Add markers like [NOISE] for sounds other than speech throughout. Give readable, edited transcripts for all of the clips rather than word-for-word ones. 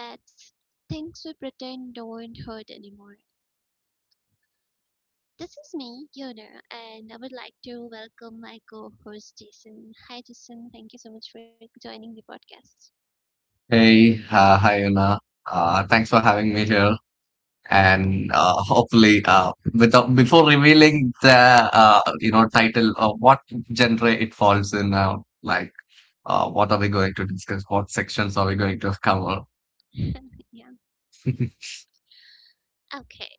That's things we pretend don't hurt anymore. This is me, Yona, and I would like to welcome my co host, Jason. Hi, Jason. Thank you so much for joining the podcast. Hi, Una. Thanks for having me here. Yeah, Without before revealing the title of what genre it falls in, like what are we going to discuss? What sections are we going to cover? [LAUGHS] yeah. [LAUGHS] Okay.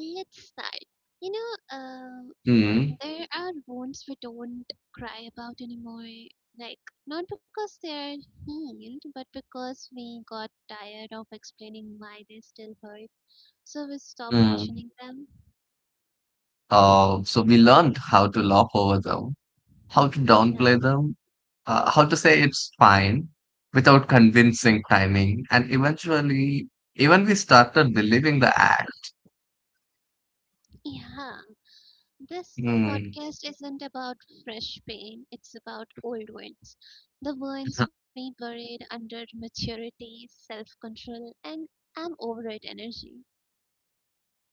Let's start. You know, um, Mm, there are wounds we don't cry about anymore. Like, not because they're healed, but because we got tired of explaining why they still hurt. So we stop mm. mentioning them. So we learned how to laugh over them, how to Yeah. downplay them, how to say it's fine without convincing timing, and eventually, even we started believing the act. Yeah. This Hmm. podcast isn't about fresh pain, it's about old ones. The ones we buried under maturity, self control, and I'm over it energy.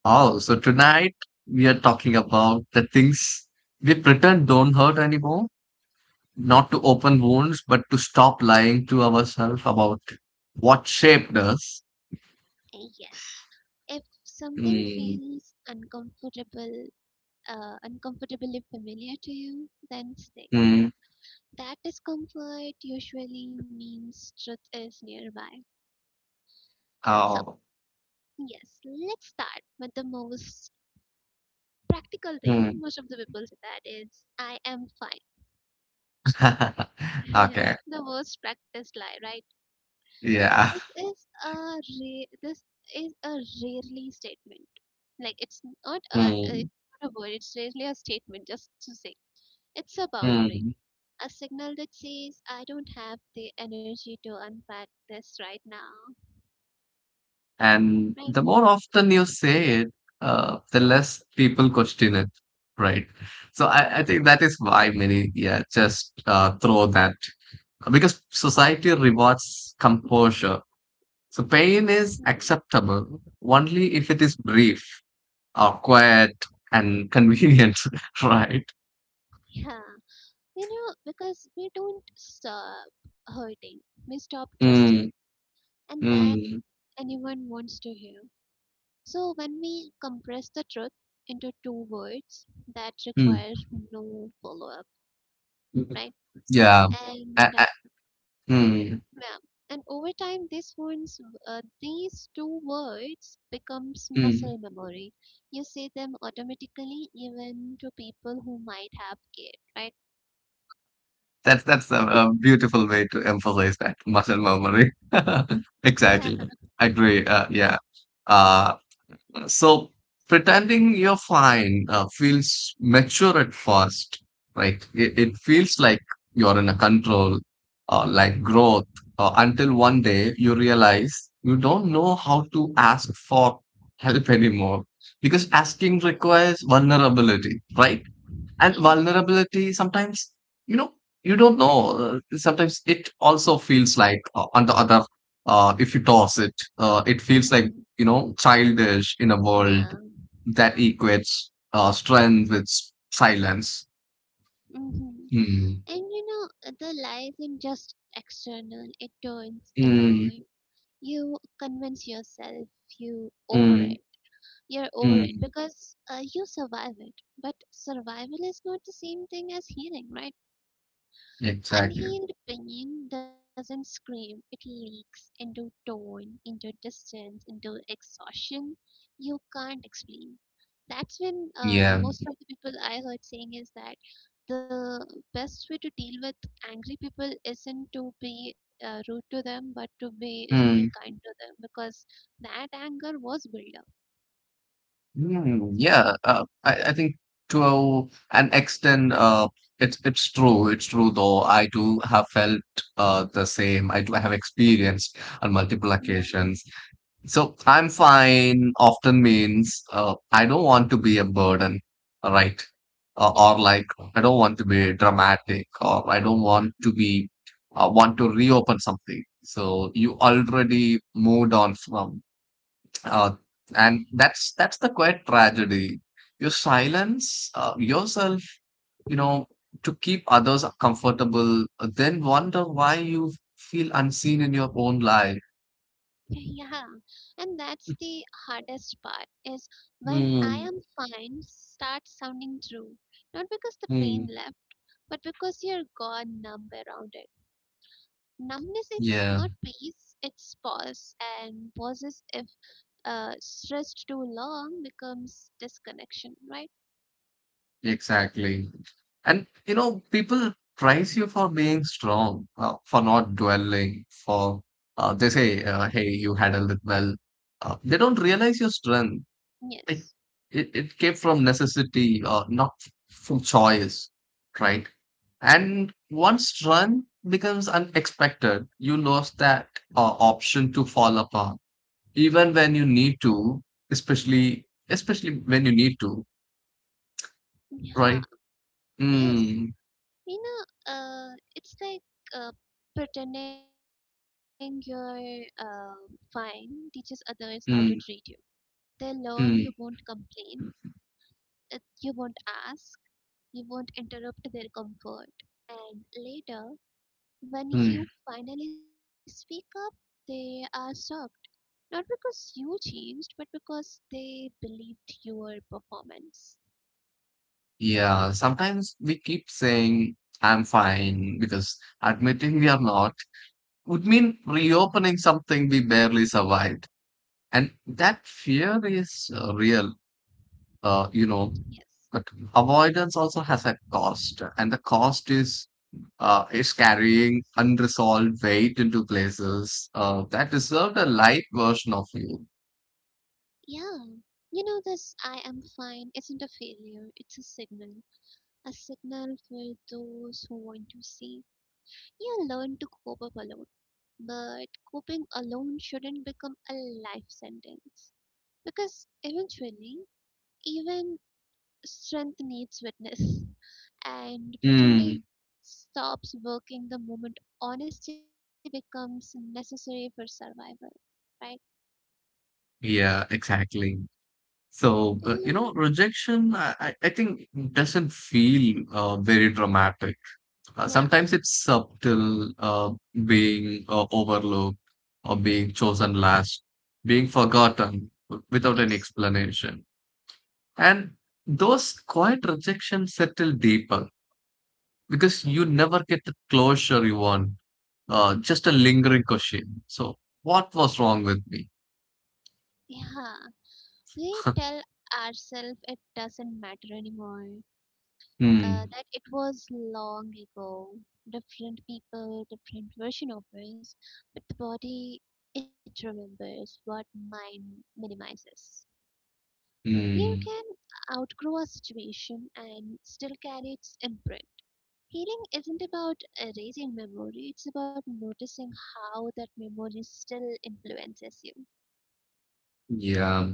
Oh, so tonight we are talking about the things we pretend don't hurt anymore, not to open wounds, but to stop lying to ourselves about what shaped us. Yes. If something Mm. feels uncomfortably familiar to you, then stay. Mm. That discomfort usually means truth is nearby. So, Oh. yes, let's start with the most practical thing. Mm. Most of the people say that is, I am [LAUGHS] fine. Okay. [LAUGHS] The most practiced lie, right? Yeah. This is a rarely statement. Like it's not a Mm. it's not a word. It's rarely a statement just to say. It's a boundary, Mm. a signal that says, I don't have the energy to unpack this right now. And Right? the more often you say it, the less people question it, right? So I think Yes. that is why many, yeah, just throw that because society rewards composure. So pain is Hmm. acceptable only if it is brief or quiet and convenient, [LAUGHS] right? Yeah. You know, because we don't stop hurting, we stop trusting, Mm, and that mm, anyone wants to hear. So when we compress the truth into two words, that mm. requires no follow up, right? Yeah. And I, mm, yeah. And over time, these ones, these two words becomes mm. muscle memory. You say them automatically, even to people who might have kid, right? That's a beautiful way to emphasize that muscle memory. [LAUGHS] [LAUGHS] Yeah. Exactly. I agree. Yeah. Uh, so pretending you're fine, feels mature at first, right? It Yeah. feels like you're in a control or like growth, until one day you realize you don't know how to ask for help [LAUGHS] anymore because asking requires vulnerability, right? And Yes. vulnerability sometimes, you know, you don't know, sometimes it also feels like on the other if you toss it, it feels like, Mhm. you know, childish in a world Yeah. that Yeah. equates strength with silence. Hmm. Hmm. And you know, the lie isn't just external, it turns Mm, inward. You convince yourself you over mm, it. You're over it mm. because you survive it. But survival is not the same thing as healing, right? Exactly. Unhealed pain doesn't scream, it leaks into tone, into distance, into exhaustion you can't explain. That's when Yeah. most of the people I heard saying is that the best way to deal with angry people isn't to be rude to them, but to be really Hmm. kind to them because that anger was built up. I think to an extent, it's true. It's true, though. I do have felt the same. I do have experienced on multiple Yeah. occasions. So I'm fine often means I don't want to be a burden, right? Or Yes. like I don't want to be dramatic, or I don't want to be want to reopen something. So you already moved on from uh, and that's the quiet tragedy. You silence yourself, you know, to keep others comfortable, then wonder why you feel unseen in your own life. Yeah, and that's the hardest part is when I Mm, am fine starts sounding true. Not because the pain mm. left, but because you're gone numb around it. Numbness is not Yeah, peace, it's pause. And pauses, if stressed too long, becomes disconnection, right? exactly. And you know, people praise you for being strong, for not dwelling, for they say, "Hey, you handled it well." They don't realize your strength like Yes. it came from necessity or not from choice, right? Yeah. And once run becomes unexpected, you lost that option to fall apart, even when you need to, especially especially when you need to, right? Yeah. Yes. Mm, You know, it's like uh, Pretending you're fine teaches others how to treat you. mm, They learn you won't mm, complain, that you won't ask, you won't interrupt their comfort. And later, when mm. you finally speak up, they are shocked. Not because you changed, but because they believed your performance. Yeah, sometimes we keep saying I'm fine because admitting we are not would mean reopening something we barely survived. And that fear is real, you know, Yes. but avoidance also has a cost. And the cost is carrying unresolved weight into places that deserve a light version of you. Yeah. You know, this I am fine isn't a failure, it's a signal. A signal for those who want to see. You learn to cope up alone. But coping alone shouldn't become a life sentence because eventually, even strength needs witness, [LAUGHS] and pretending Mm, stops working the moment honesty becomes necessary for survival, right? yeah, exactly. So, you know, Mm, rejection, I think doesn't feel very dramatic. Yeah, Sometimes it's subtle, being overlooked or being chosen last, being forgotten without an yes. explanation. And those quiet rejections settle deeper because you never get the closure you want, just a lingering question. So, what was wrong with me? Yeah, we [LAUGHS] tell ourselves it doesn't matter anymore, Hmm. that it was long ago. Different people, different version of us, but the body it remembers what mind minimizes. You can Hmm. outgrow a situation and still carry its imprint. Healing isn't about erasing memory, it's about noticing how that memory still influences you. Yeah.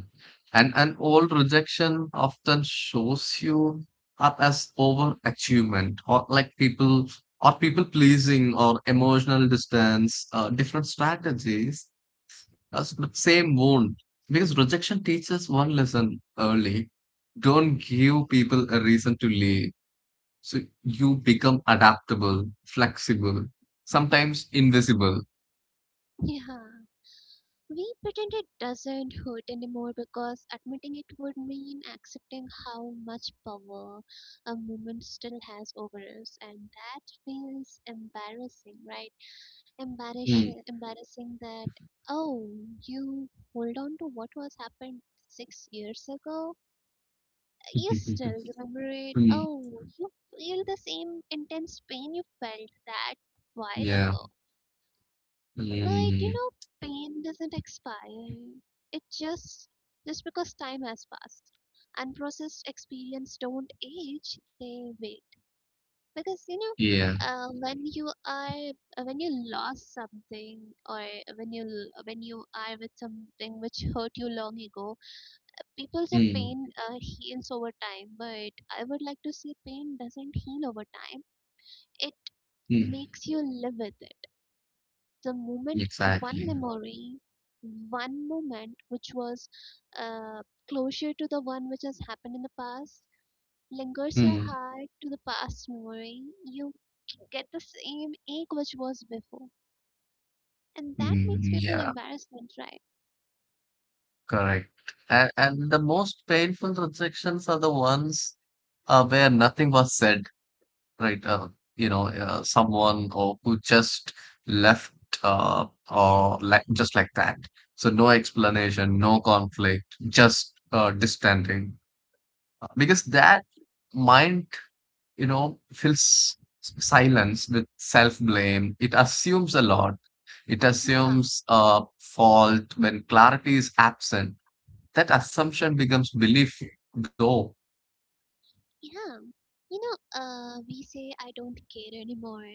And all rejection often shows you up as overachievement or like people or people pleasing or emotional distance, different strategies. That's the same wound. Because rejection teaches one lesson early. Don't give people a reason to leave. So you become adaptable, flexible, sometimes invisible. [LAUGHS] Yeah. We pretend it doesn't hurt anymore because admitting it would mean accepting how much power a woman still has over us, and that feels embarrassing, right? Mm. Embarrassing that oh, you hold on to what was happened 6 years ago. You [LAUGHS] still remember it. Mm. Oh, you feel the same intense pain you felt that while Yeah. ago, but you know, Mm. pain doesn't expire. It just because time has passed. Unprocessed experience don't age; they wait. Because you know, Yeah. uh, when you are when you lost something, or when you are with something which hurt you long ago, people say Mm, pain heals over time. But I would like to say pain doesn't heal over time. It mm, makes you live with it the moment, exactly. one memory, one moment which was uh, closure to the one which has happened in the past, lingers your Mm, heart to the past memory. You get the same ache which was before. And that makes mm, people yeah, embarrassment, right? correct. And the most painful rejections are the ones where nothing was said, right? You know, someone or who just left or like just like that. So no explanation, no conflict, just distancing. Because that mind, you know, fills silence with self blame. It assumes a lot. It Yeah, assumes a fault when clarity is absent. That assumption becomes belief, though. yeah. You know, we say I don't care anymore,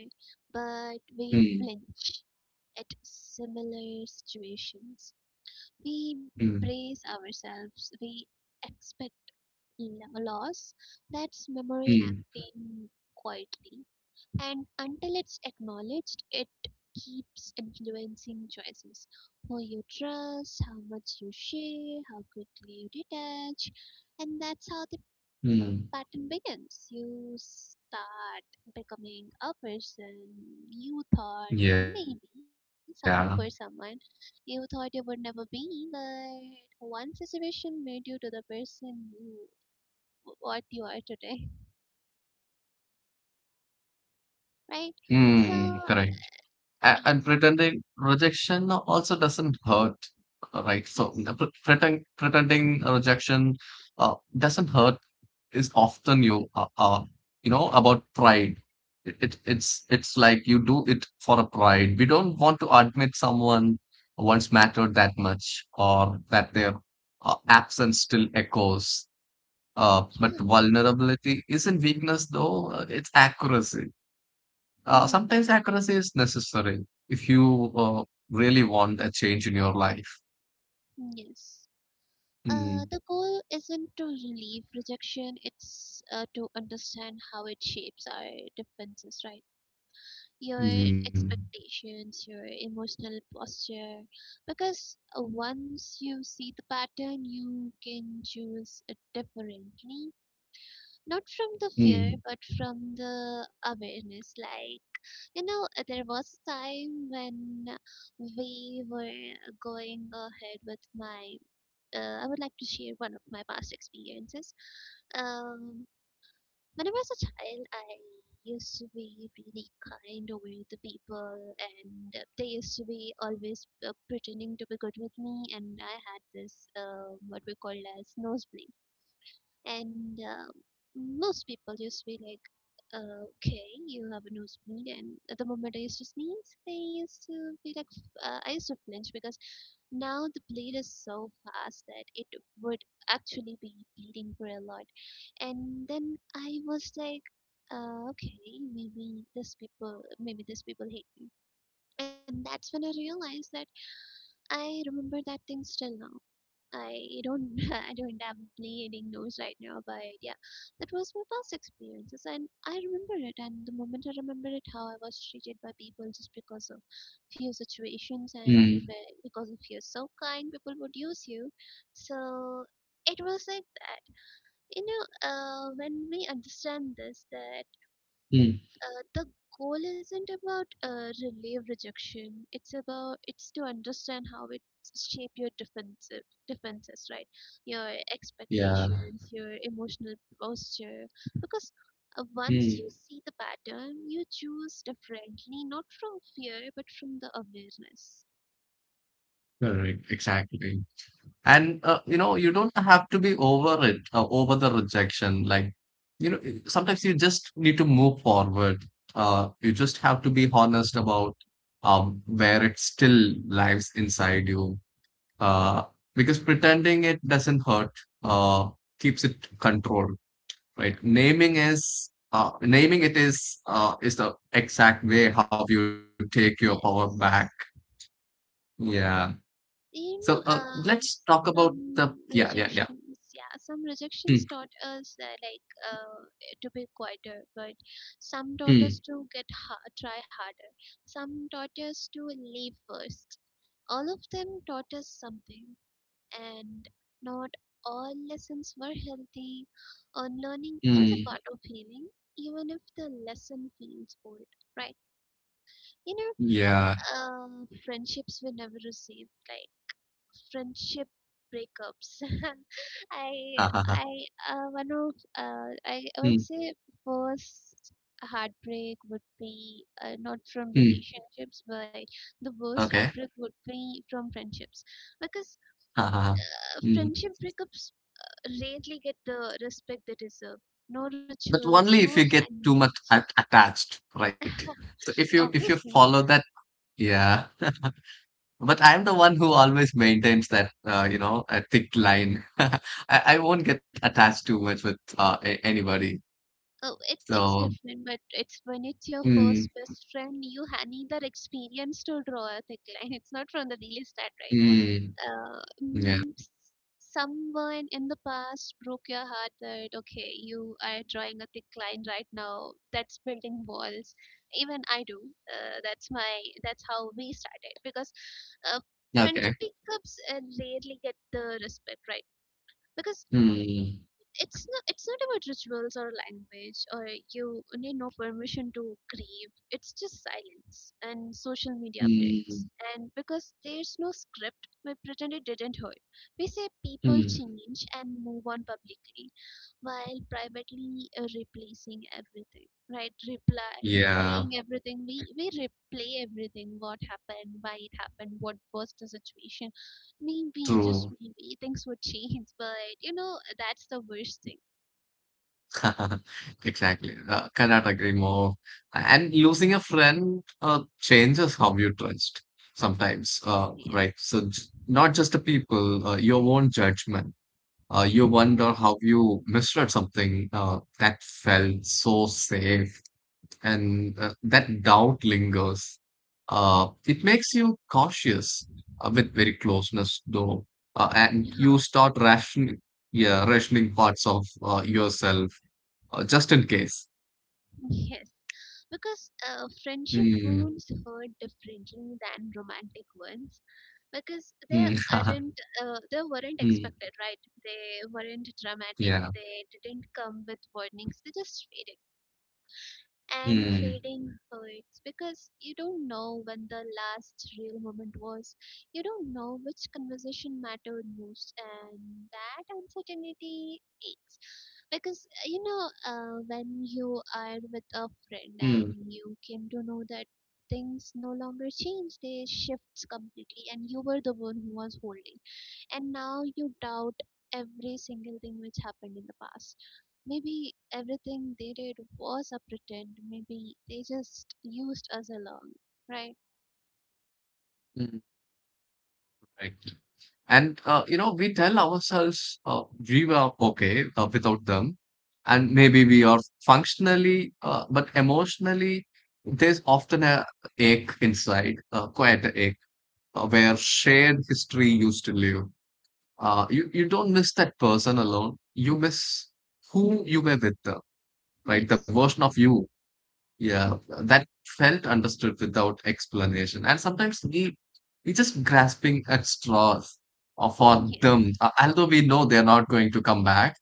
but we Mm, flinch at similar situations. We mm, brace ourselves. We expect in a loss, that's memory mm, acting quietly. And until it's acknowledged, it keeps influencing choices. Who you trust, how much you share, how quickly you detach. And that's how the mm. pattern begins. You start becoming a person Yeah. you thought maybe some for someone you thought you would never be, but one situation made you to the person you what you are today, Mm, right? correct. So And pretending yes, rejection also doesn't hurt, right? So the pre- yes, pretend, pretending rejection doesn't hurt is often you you know about pride, it's like you do it for a pride, we don't want to admit someone once mattered that much or that their absence still echoes, yeah, but vulnerability isn't weakness, though, it's accuracy, mm, sometimes accuracy is necessary if you really want a change in your life. yes. Mm. The goal isn't to relieve rejection; it's to understand how it shapes our defenses, right? Your Mm. expectations, your emotional posture, because once you see the pattern, you can choose it differently, not from the Mm. fear but from the awareness like. There was a time when we were going ahead with my. I would like to share one of my past experiences. Um, when I was a child, I used to be really kind over the people, and they used to be always pretending to be good with me. And I had this what we call as nosebleed and most people used to be like okay you have a nosebleed, and at the moment I used to sneeze I used to be like I used to flinch because now the bleed is so fast that it would actually be bleeding for a lot. And then I was like okay, maybe this people hate me. And that's when I realized that I remember that thing still now. I don't [LAUGHS] I don't am needing those right now, but yeah, that was my past experiences, and I remember it. And the moment I remember it, how I was treated by people just because of few situations and Mm. Because of you're so kind, people would use you. So it was like that. You know, when we understand this, that Mm. The goal isn't about relieve rejection, it's about it's to understand how it shape your defensive defenses, right? Your Yeah. expectations, your emotional posture, because Hmm. once you see the pattern you choose differently, not from fear but from the awareness. Correct, exactly. And you know, you don't have to be over it, over the rejection. Like, you know, sometimes you just need to move forward. You just have to be honest about where it still lies inside you. Uh, because pretending it doesn't hurt, uh, keeps it controlled, Yeah, right? Naming it is the exact way how you take your power back. yes. Yeah. So You know, let's talk about the yeah, some yeah, yeah. rejections, yeah, some Mm, rejections taught us to be quieter, but some taught mm, us to get ha try harder. Some taught us to leave first. All of them taught us something, and not all lessons were healthy. Unlearning is a mm, part of healing, even if the lesson feels old, right? You know, yeah. Friendships we never received, like friendship breakups. [LAUGHS] uh, uh, uh, I one of I would mm, say first heartbreak would be not from mm, relationships, but the worst okay. heartbreak would be from friendships, because uh, uh, uh, mm. friendship breakups rarely get the respect they deserve. No But rituals, no only if you get too much language. at- attached, right? So [LAUGHS] if you follow Obviously. that, yeah. But I'm the one who always maintains that, you know, a thick line. [LAUGHS] I won't get attached too much with anybody. Oh, it's So different, but it's when it's your first mm, best friend, you need that experience to draw a thick line. It's not from the daily start, right? mm, Uh, yeah, mm, Someone in the past broke your heart that, okay, you are drawing a thick line right now. That's building walls. Even I do. That's my, that's how we started because uh, okay. friendship pickups rarely get the respect, right? Because Mm, it's not about rituals or language or you need no permission to grieve. It's just silence and social media updates, mm, and because there's no script we pretend it didn't hurt. We say people mm, change and move on publicly, while privately replacing everything right reply yeah. replaying everything. We replay everything, what happened, why it happened, what was the situation. Maybe, just True. maybe, things would change, [LAUGHS] but you know, that's the worst thing. [LAUGHS] Exactly. Cannot agree more. And losing a friend changes how you trust sometimes, Yes. Right? So j not just the people, your own judgment. You Hmm. wonder how you misread something that felt so safe, and that doubt lingers. It makes you cautious with very closeness, though, Yeah. and [LAUGHS] you start rationing, yeah, rationing parts of yourself. Just in case. Yes. Because friendship Mm, wounds hurt differently than romantic ones, because mm, [LAUGHS] they mm, weren't expected, right? They weren't yeah. dramatic, they didn't come with warnings, they just faded. And Mm, fading hurts because you don't know when the last real moment was. You don't know which conversation mattered most, and that uncertainty aches. Because when you are with a mm, friend and you came to know that things no longer change, they shifts completely, and you were the one who was holding, and now you doubt every single thing which happened in the past. Maybe everything they did was a pretend. Maybe they just used us along, right? mm. Right. And you know, we tell ourselves we were okay without them, and maybe we are functionally, but emotionally, there's often a ache inside, quite a ache, where shared history used to live. You don't miss that person alone. You miss who you were with, right? The Yes, version of you. Yeah, that felt understood without explanation. And sometimes we just grasping at straws [LAUGHS] yes. for them, although we know they're not going to come back.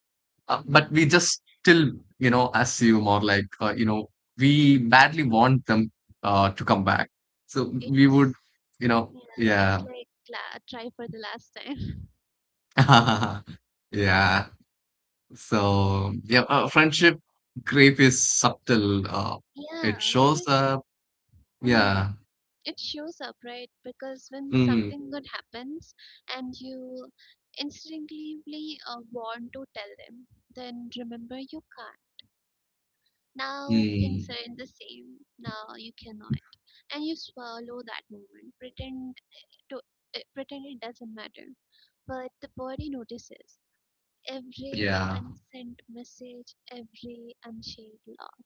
But Hmm. we just still, you know, assume or like, you know, we badly want them to come back. So we would, It's you know, yeah, it's yeah, like try for the last time. [LAUGHS] [LAUGHS] yeah. So yeah, friendship grief is subtle. It Yeah, shows because up. mm, Yeah. it shows up, right? Because when Hmm. something good happens and you instinctively want to tell them, then remember you can't. Now things Mm, are in the same. Now you cannot. And you swallow that moment. To pretend it doesn't matter. But the body notices every yeah. unsent message, every unshared love.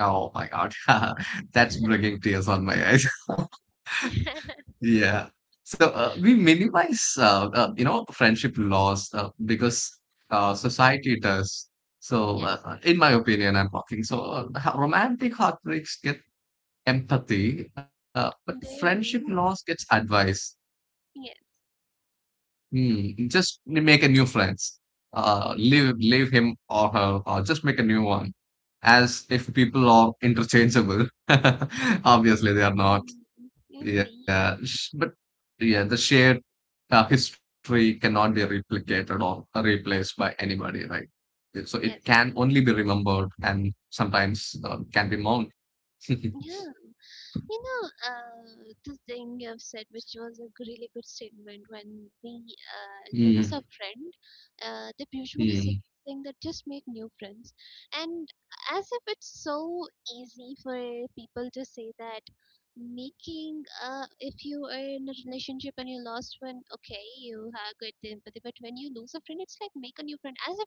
Oh my God. [LAUGHS] That's bringing tears on my eyes. [LAUGHS] Yeah. So we minimize, you know, friendship loss because society does. [LAUGHS] So, Yes, in my opinion, I'm talking. So, romantic heartbreaks get empathy, but they friendship do. loss gets advice. Yes, Hmm. Just make a new friends. Leave him or her, or just make a new one. As if people are interchangeable. [LAUGHS] Obviously, they are not. exactly. Yeah, Indeed. sh- but yeah, the shared history cannot be replicated or replaced by anybody, right? So it can Yes. only be remembered, and sometimes can be mourned. [LAUGHS] Yeah, you know, the thing you've said, which was a really good statement, when we Mm, lose a friend, they usually say mm. thing that just make new friends, and as if it's so easy for people to say that making if you are in a relationship and you lost one, okay, you have good empathy, but when you lose a friend, it's like make a new friend, as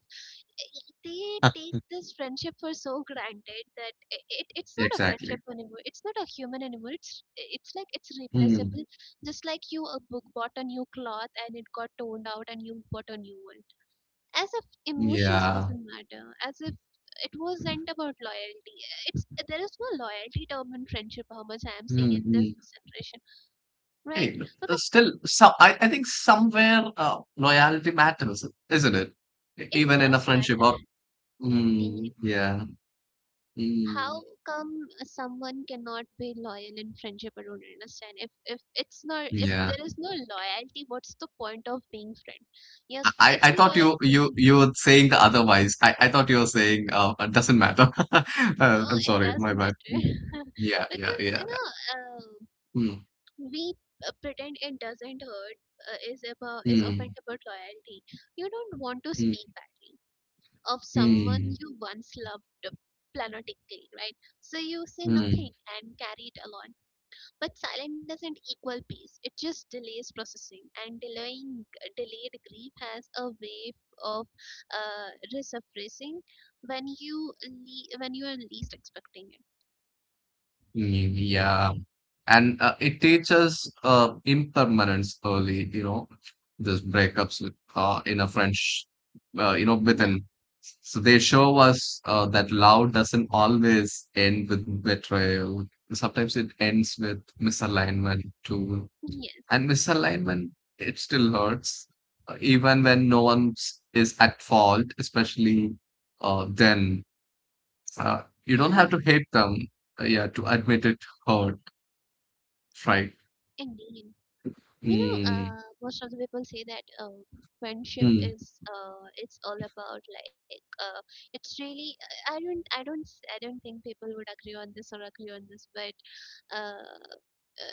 they take this friendship for so granted that it, it [LAUGHS] it's not a Exactly. friendship anymore, it's not a human anymore, it's like it's Mm, replaceable, just like you a book bought a new cloth and it got torn out and you bought a new one, as if emotions yeah. doesn't matter, as if it wasn't about loyalty, it's there is no loyalty term in friendship, how much I am seeing Mm, in this mm. generation, right? Hey, Because still, so I think somewhere loyalty matters, isn't it? E- it Even in a does friendship, or matter, indeed. mm, yeah, How mm, come someone cannot be loyal in friendship? I don't understand. If it's not, if yeah. there is no loyalty, what's the point of being friend? You, I, if I I you thought are you you saying you were saying the otherwise. I thought you were saying it doesn't matter. [LAUGHS] Uh, no, I'm it sorry, does my bad. matter. Yeah, [LAUGHS] yeah, Because yeah, you yeah. know, uh, Mm, we pretend it doesn't hurt is about, is often mm, about loyalty. You don't want to mm, speak badly of someone mm, you once loved platonically, right? So you say mm, nothing and carry it along. But silent doesn't equal peace. It just delays processing, and delaying delayed grief has a way of resurfacing when when you are least expecting it. mm, yeah. And it teaches impermanence early, you know, this breakups with, in a French, you know, Yeah, within. So they show us that love doesn't always end with betrayal. Sometimes it ends with misalignment too. yes, And misalignment, it still hurts, even when no one is at fault, especially then. You don't have to yeah, hate them, yeah, to admit it hurt, right? indeed. You know, Mm, most of the people say that friendship mm, is it's all about like it's really I don't I don't I don't think people would agree on this or agree on this, but uh.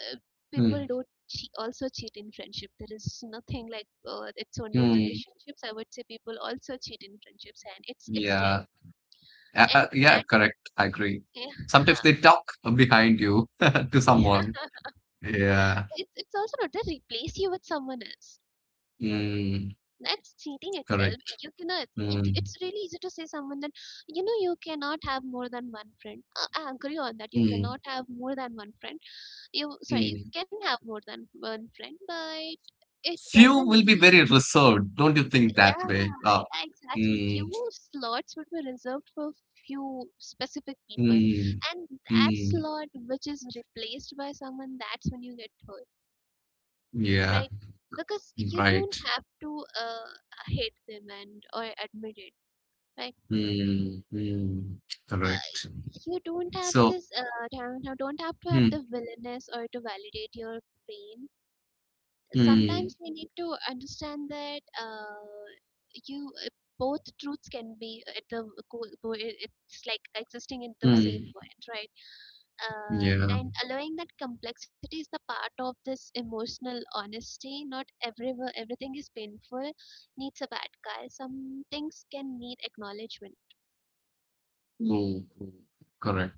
uh, people mm, don't also cheat in friendship. There is nothing like it's only in mm. relationships. I would say people also cheat in friendships, and it's rare. Yeah, And yeah, that, correct. I agree. yeah, Sometimes they talk behind you [LAUGHS] to [LAUGHS] yeah, someone. Yeah, it's also not they replace you with someone else. mm, That's cheating itself. correct. You cannot. It, Mm, it's really easy to say someone that you know you cannot have more than one friend. I agree on that. You mm, cannot have more than one friend. You sorry, you mm. can have more than one friend, but it Few will doesn't be very mean. reserved. Don't you think Yeah, that way? Yeah, exactly. Mm, Few slots would be reserved for few specific people, mm, and that mm. slot which is replaced by someone, that's when you get hurt, Yeah, right? Because you don't right. have to hate them and or admit it, right? Mm, mm, correct. Uh, you don't have So, this don't have to have mm, the willingness or to validate your pain. mm, Sometimes we need to understand that you both truths can be at the it's like existing in the mm. same point, right? Yeah, Uh, and allowing that complexity is the part of this emotional honesty. Not everything is painful needs a bad guy. Some things can need acknowledgement. mm, mm, correct.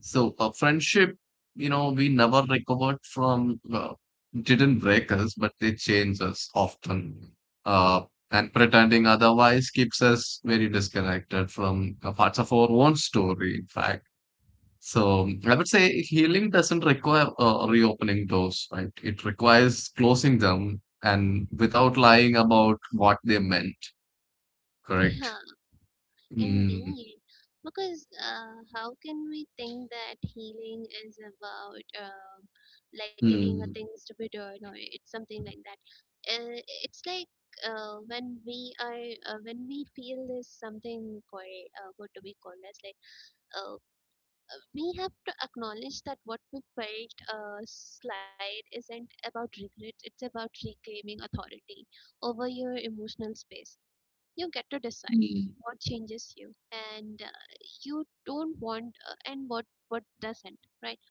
So a friendship, you know, we never recovered from, didn't break us, but they change us often. Uh, and pretending otherwise keeps us very disconnected from parts of our own story, in fact. So I would say healing doesn't require reopening doors, right? It requires closing them and without lying about what they meant, [LAUGHS] correct? Yeah. Mm, Indeed, because how can we think that healing is about like getting mm, things to be done or it's something like that? It's like when we are when we feel this something called what do we call as like uh, we have to acknowledge that what we felt slide isn't about regret; it's about reclaiming authority over your emotional space. You get to decide mm, what changes you and you don't want and what doesn't, right?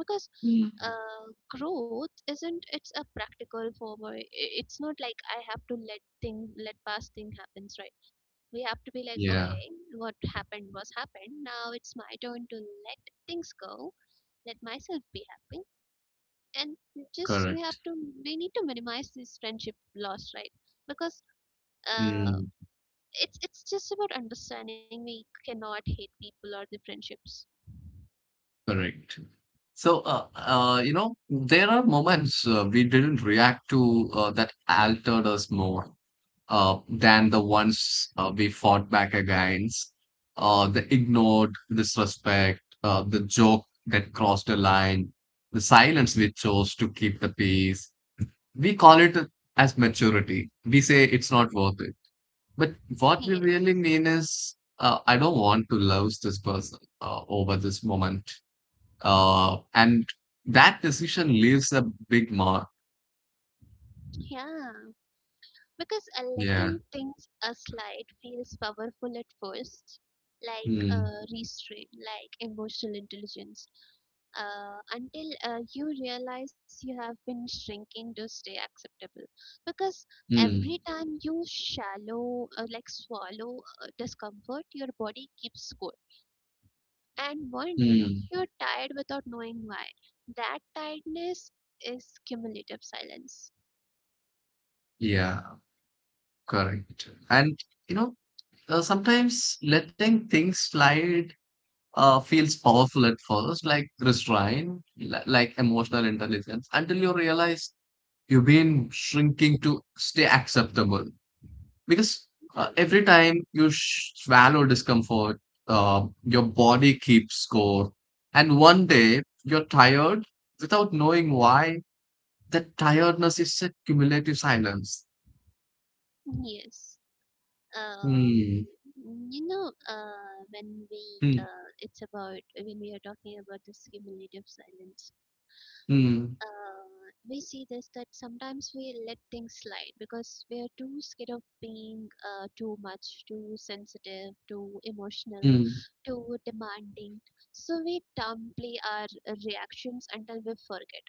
Because mm. uh, growth isn't, it's a practical form or it's not like I have to let thing let past thing happens, right? We have to be like, Yeah, okay, what happened was happened, now it's my turn to let things go, let myself be happy, and just we have to, correct. we need to minimize this friendship loss, right? Because uh, Mm. it's just about understanding. We cannot hate people or the friendships. Correct. So, there are moments we didn't react to that altered us more than the ones we fought back against. The ignored disrespect, the joke that crossed a line, the silence we chose to keep the peace. We call it as maturity. We say it's not worth it. But what we really Yes. mean is, I don't want to lose this person over this moment. And that decision leaves a big mark. Yeah. Because letting Yeah. things slide feels powerful at first, like Mm, restraint, like emotional intelligence, until you realize you have been shrinking to stay acceptable. Because every mm, time you shallow, like swallow discomfort, your body keeps score. And one day, mm. you're tired without knowing why. That tiredness is cumulative silence. Yeah, correct. And, you know, sometimes letting things slide feels powerful at first, like restraint, like emotional intelligence, until you realize you've been shrinking to stay acceptable. Because Yeah. Every time you swallow discomfort, your body keeps score. And one day you're tired without knowing why. That tiredness is a cumulative silence. Yes. Um, Hmm, you know, hmm, it's about, when we are talking about this cumulative silence, hmm, uh, we see this that sometimes we let things slide because we are too scared of being too much, too sensitive, too emotional, hmm, too demanding. So we downplay our reactions until we forget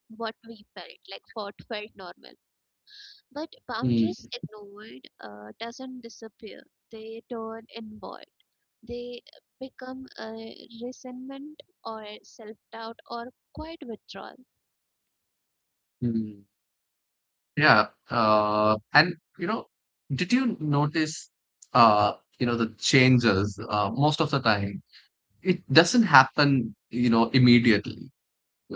what we felt, like what felt normal. But hmm, boundaries ignored doesn't disappear; they turn inward. They become resentment or self doubt or quiet withdrawal. hmm. Yeah. And you know, did you notice, uh, you know, the changes, most of the time? It doesn't happen, you know, immediately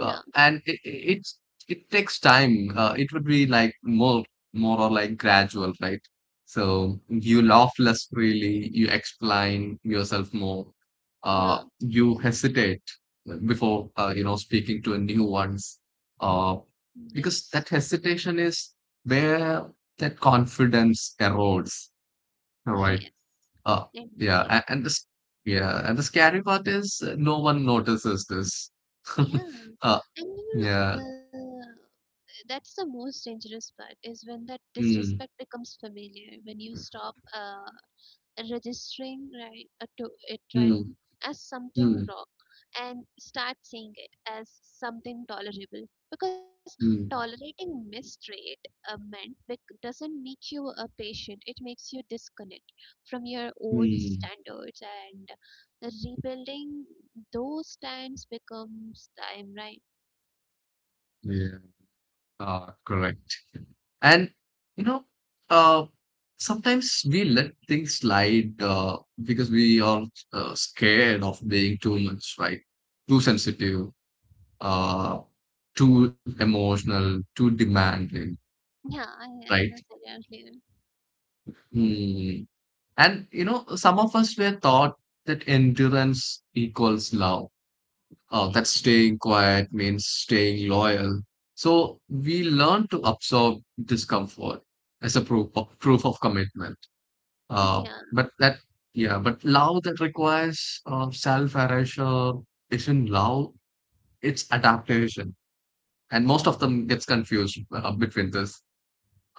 and it's it takes time, it would be like more or like gradual, right? So you laugh less freely, you explain yourself more, yeah. you hesitate before you know speaking to a new ones, uh, because Yes, that hesitation is where that confidence erodes, [LAUGHS] right? yes, Uh, yeah, indeed. And this yeah and the scary part is no one notices this. [LAUGHS] Yeah, uh, and you know yeah. the, that's the most dangerous part is when that Mm, disrespect becomes familiar. When you stop registering, right, to it, right, mm, as something mm, wrong and start seeing it as something tolerable, because mm, tolerating mistreat doesn't make you a patient, it makes you disconnect from your own mm. standards, and rebuilding those stands becomes time, right? Yeah. Ah, correct. And you know, uh, sometimes we let things slide because we are scared of being too much, right? Too sensitive, uh, too emotional, too demanding, Yeah, I, right? as I said earlier. Hmm. And you know, some of us were taught that endurance equals love. Oh, that yeah staying quiet means staying loyal. So we learn to absorb discomfort as a proof of commitment. Uh, yeah but that, yeah, but love that requires self-erasure isn't love, it's adaptation. And most of them gets confused between this.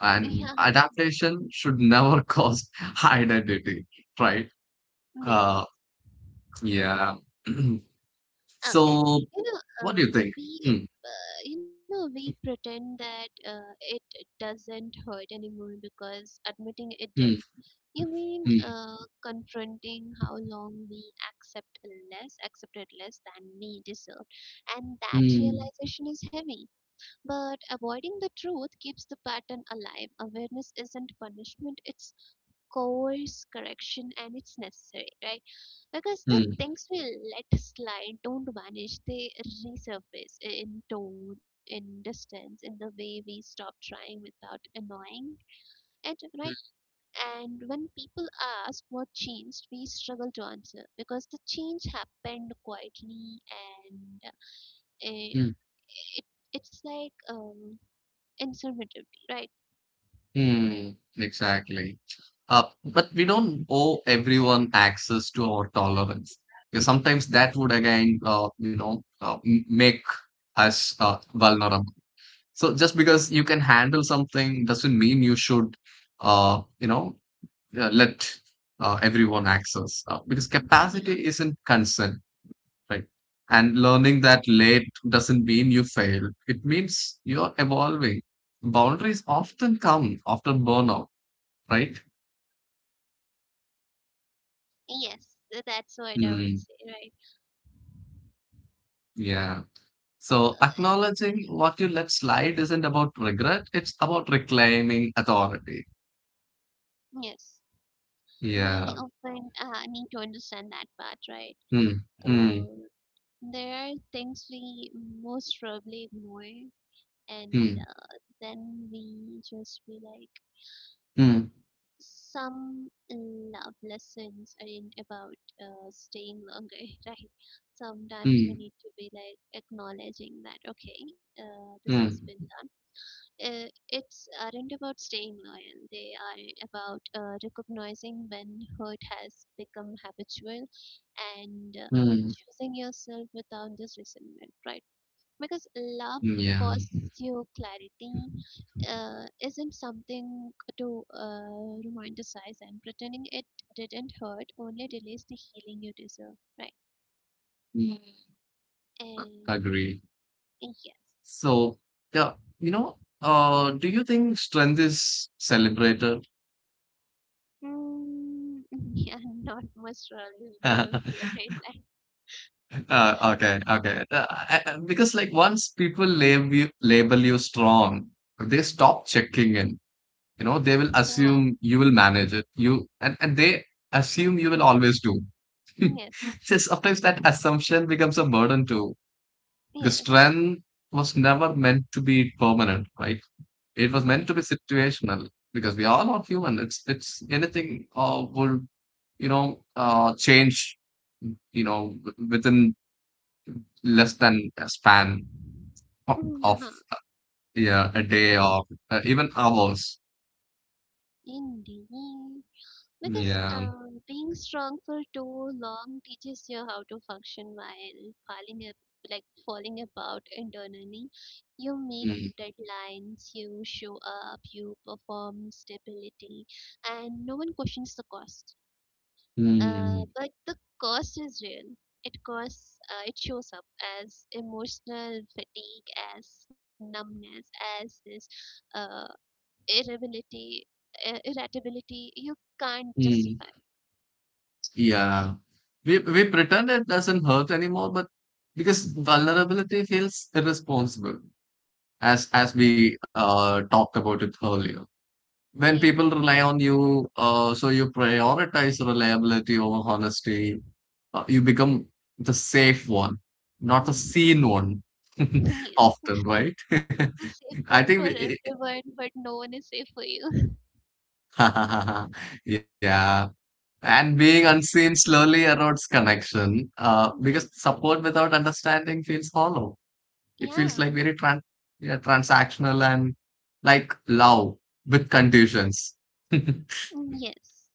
And yeah adaptation should never [LAUGHS] cause identity, right? Uh, yes. yeah. [CLEARS THROAT] Okay. So You know, what do you think? Hmm, you know, we pretend that it doesn't hurt anymore because admitting it did. hmm, You mean hmm, confronting how long we accepted less than we deserve, and that hmm. realization is heavy. But avoiding the truth keeps the pattern alive. Awareness isn't punishment; it's course correction, and it's necessary, right? Because the Hmm. things we let slide don't vanish, they resurface in tone, in distance, in the way we stop trying without annoying it, right? Hmm. And when people ask what changed, we struggle to answer because the change happened quietly, and it, Mm, it it's like informatively, right? mm, exactly. But we don't owe everyone access to our tolerance. Because sometimes that would again, make us vulnerable. So just because you can handle something doesn't mean you should, uh, you know, let everyone access. Because capacity Yeah, isn't consent, right? And learning that late doesn't mean you failed. It means you're evolving. Boundaries often come after burnout, right? yes, that's what I would Hmm. say, right? Yeah. So acknowledging what you let slide isn't about regret. It's about reclaiming authority. Yes, we Yeah. often need to understand that part, right? Hmm. Hmm. Uh. There are things we most probably ignore, and Hmm. Then we just be like, Hmm. some love lessons aren't about staying longer, [LAUGHS] right? Sometimes we Hmm. need to be like acknowledging that, okay, this has Hmm. been done. It's aren't about staying loyal. They are about recognizing when hurt has become habitual, and Hmm. choosing yourself without this resentment, right? Because Hmm. love Yeah. costs you clarity, isn't something to romanticize, and pretending it didn't hurt only delays the healing you deserve, right? Mm. Agree. And yes. So, yeah, you know, do you think strength is celebrated? Mm, [LAUGHS] yeah, not much really. We don't [LAUGHS] celebrate Okay, okay. Because like once people label you strong, they stop checking in. You know, they will assume that. you will manage it. And they assume you will always do. [LAUGHS] [LAUGHS] Yeah. Yes. So sometimes that assumption becomes a burden too. The Yes. strength was never meant to be permanent, right? It was meant to be Mm-hmm. situational because we all are human. It's anything would change, within less than a span of, Mm-hmm. of Uh-huh. yeah a day or even hours. Indeed. Because Yeah. Being strong for too long teaches you how to function while falling up, like falling about internally. You meet Mm, deadlines, you show up, you perform stability, and no one questions the cost. Mm, But the cost is real. It costs. It shows up as emotional fatigue, as numbness, as this uh, irritability, irritability. You can't mm. justify. Yeah. We pretend it doesn't hurt anymore, but because vulnerability feels irresponsible, as we talked about it earlier. When people Yes. rely on you, so you prioritize reliability over honesty, you become the safe one, not the Mhm. seen one. [LAUGHS] Yes. Often, right? [LAUGHS] The safe one for I think, we, everyone, but no one is safe for you. [LAUGHS] [LAUGHS] yeah. And being unseen slowly erodes connection, because Right. support without understanding feels hollow. It Yeah. feels like very tran yeah, transactional and like love with conditions. [LAUGHS] Yes.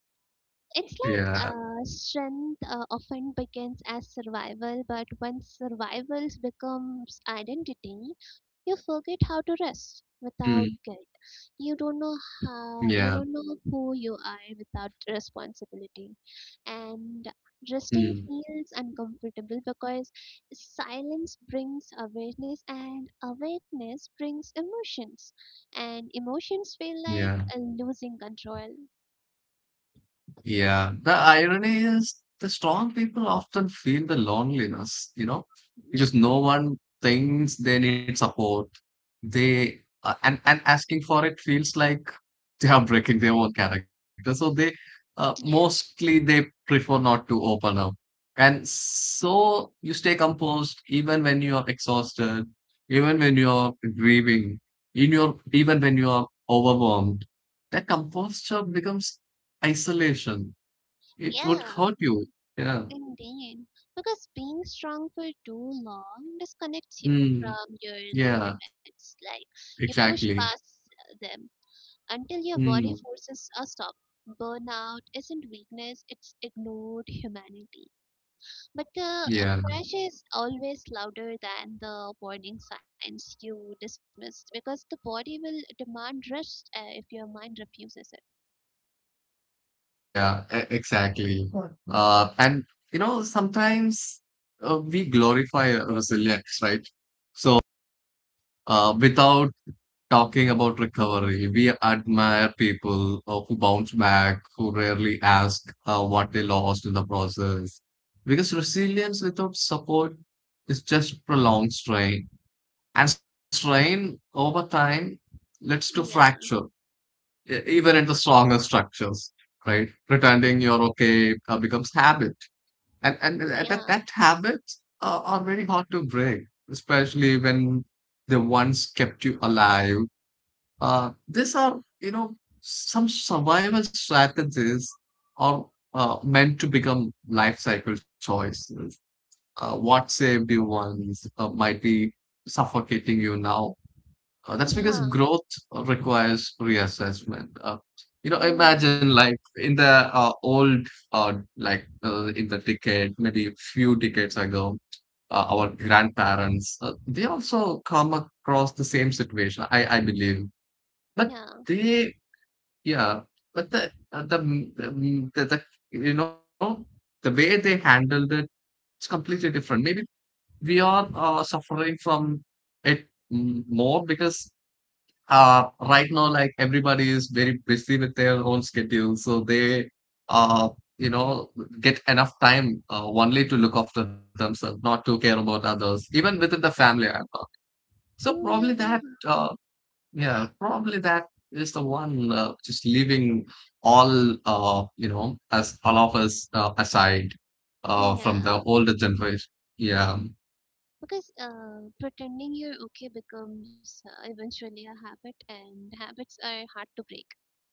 It's like Yeah. Strength often begins as survival, but when survival becomes identity, you forget how to Mm, rest without guilt. You don't know yeah. how you don't know who you are without responsibility, and Mm. resting feels uncomfortable because silence brings awareness and awareness brings emotions, and emotions feel like Yeah, losing control. yeah. The irony is the strong people often feel the loneliness, you know, Yeah, because no one thinks they need support. They and asking for it feels like [LAUGHS] they are breaking their own character. So they yes, mostly they prefer not to open up. And so you stay composed even when you are exhausted, even when you are grieving, in your even when you are overwhelmed, that composure becomes isolation. It would yeah, hurt you. Yeah. indeed. Because being strong for too long disconnects you Mm, from your yeah, limits, like you push exactly. past them until your body Mm, forces are stopped. Burnout isn't weakness, it's ignored humanity. But the yeah, crash is always louder than the warning signs you dismissed because the body will demand rest if your mind refuses it. yeah, exactly. Sure. And you know, sometimes we glorify resilience, right? So, without talking about recovery, we admire people who bounce back, who rarely ask what they lost in the process. Because resilience without support is just prolonged strain. And strain over time leads to Yeah, fracture, even in the stronger structures, right? Pretending you're okay becomes habit. And, and th- yeah, that, that habit are very hard to break, especially when the ones kept you alive. These are, you know, some survival strategies are meant to become life cycle choices. What saved you once might be suffocating you now, that's yeah, because growth requires reassessment. You know, mm, imagine like in the old, in the decade, maybe a few decades ago, our grandparents, they also come across the same situation, I believe. But yeah, they, yeah, but the, mm, the, mm, the, you know, the way they handled it, it's completely different. Maybe we are suffering from it more because right now like everybody is very busy with their own schedule, so they uh you know get enough time only to look after themselves, not to care about others even within the family, I thought. So mm, probably that yeah, uh yeah probably that is the one, just leaving all, as all of us, aside mm, from yeah. the older generation. Yeah, Because pretending you're okay becomes eventually a habit, and habits are hard to break,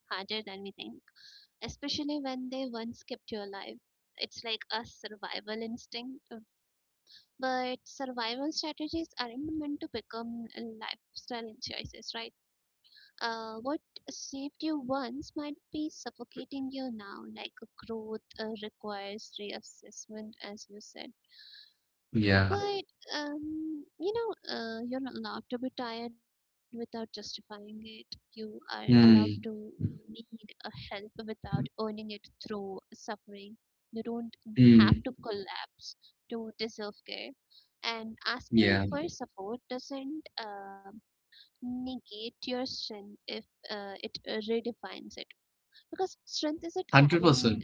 harder than we think, especially when they once kept you alive. It's like a survival instinct. Uh, but survival strategies aren't meant to become lifestyle choices, right? What saved you once might be suffocating you now, like growth requires reassessment, as you said. yeah. But you know, you're allowed to be tired without justifying it. You are allowed to Mm, need a help without earning it through suffering. You don't have to mm, collapse to deserve care. And asking yeah, for support doesn't negate your strength if it redefines it. Because strength isn't 100%. carrying,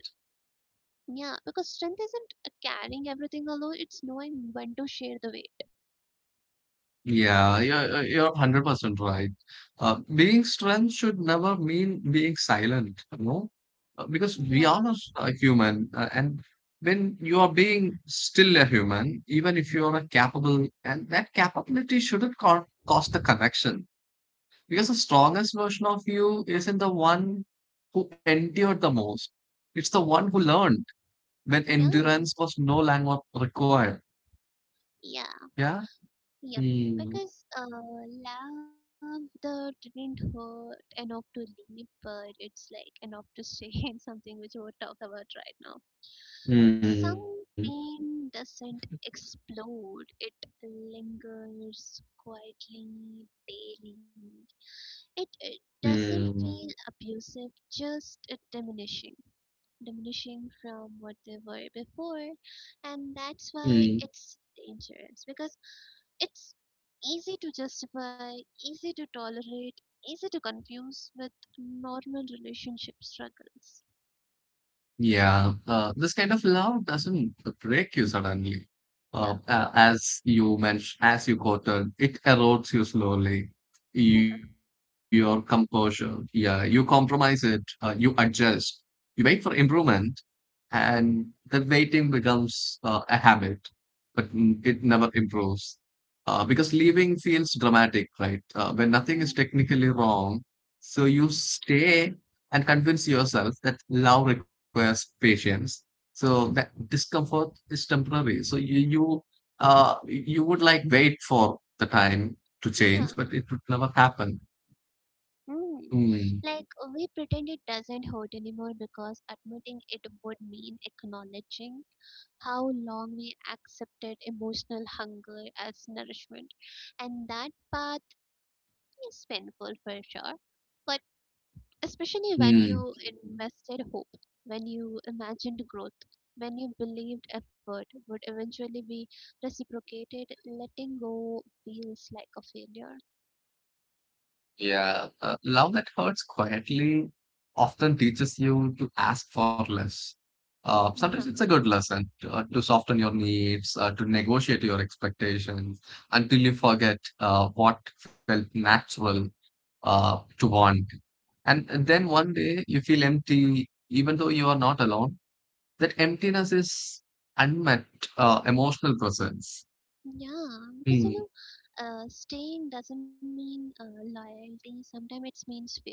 yeah. Because strength isn't carrying everything alone. It's knowing when to share the weight. Yeah, you're 100% right. Being strength should never mean being silent, you know. Because we Yeah, are a human. And when you are being still a human, even if you are a capable, and that capability shouldn't cost the connection. Because the strongest version of you isn't the one who endured the most, it's the one who learned when Yeah, endurance was no longer required. yeah, Yeah. yep. Hmm. Because love the didn't hurt enough to leave, but it's like enough to stay [LAUGHS] in something which we'll talk about right now. Hmm. Some pain doesn't explode; it lingers quietly, daily. It doesn't Hmm. feel abusive, just diminishing, diminishing from what they were before, and that's why Hmm. it's dangerous because it's easy to justify, easy to tolerate, easy to confuse with normal relationship struggles. Yeah, this kind of love doesn't break you suddenly. Yeah, As you mentioned, as you quoted, it erodes you slowly. [LAUGHS] yeah. Your composure, yeah, you compromise it, you adjust, you wait for improvement, and the waiting becomes a habit, but it never improves. Because leaving feels dramatic, right? When nothing Mm. is technically wrong, so you stay and convince yourself that love requires patience. So that discomfort is temporary. So you would like wait for the time to change, Yeah. but it would never happen. Mm. Mm, Like, we pretend it doesn't hurt anymore because admitting it would mean acknowledging how long we accepted emotional hunger as nourishment. And that path is painful for sure, but especially when you mm. invested hope, when you imagined growth, when you believed effort would eventually be reciprocated, letting go feels like a failure. Yeah, love that hurts quietly often teaches you to ask for less. Yeah, Sometimes it's a good lesson to soften your needs, to negotiate your expectations until you forget what felt natural to want. And then one day you feel empty, even though you are not alone. That emptiness is unmet emotional presence. yeah, because Mm, staying doesn't mean loyalty, sometimes it means fear,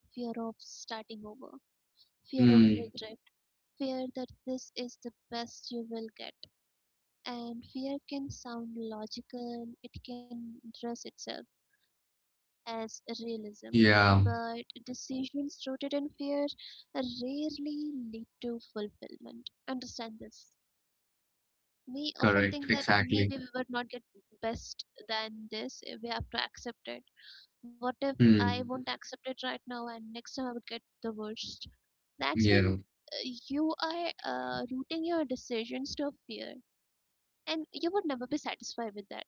fear of starting over. mm, Fear of regret, fear that this is the best you will get, and fear can sound logical, it can dress itself as realism. yeah, But decisions rooted in fear rarely lead to fulfillment. Understand this. We often correct, think that maybe exactly. we would not get best than this. We have to accept it. What if Mm, I won't accept it right now and next time I would get the worst? yeah. That's when you are rooting your decisions to fear, and you would never be satisfied with that.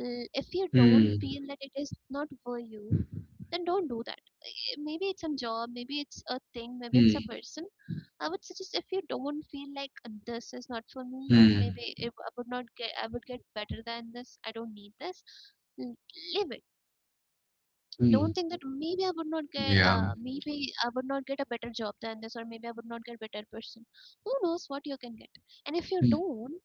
If you don't Hmm. feel that it is not for you, then don't do that. Maybe it's a job, maybe it's a Hmm. thing, maybe it's a person. I would suggest if you don't feel like this is not for Hmm. me, maybe if I would not get, I would get better than this. I don't need this. l- Leave it. Mm. Don't think that maybe I would not Yeah. get, maybe I would not get a better job than this, or maybe I would not get better person. Who knows what you can get? And if Hmm. you don't,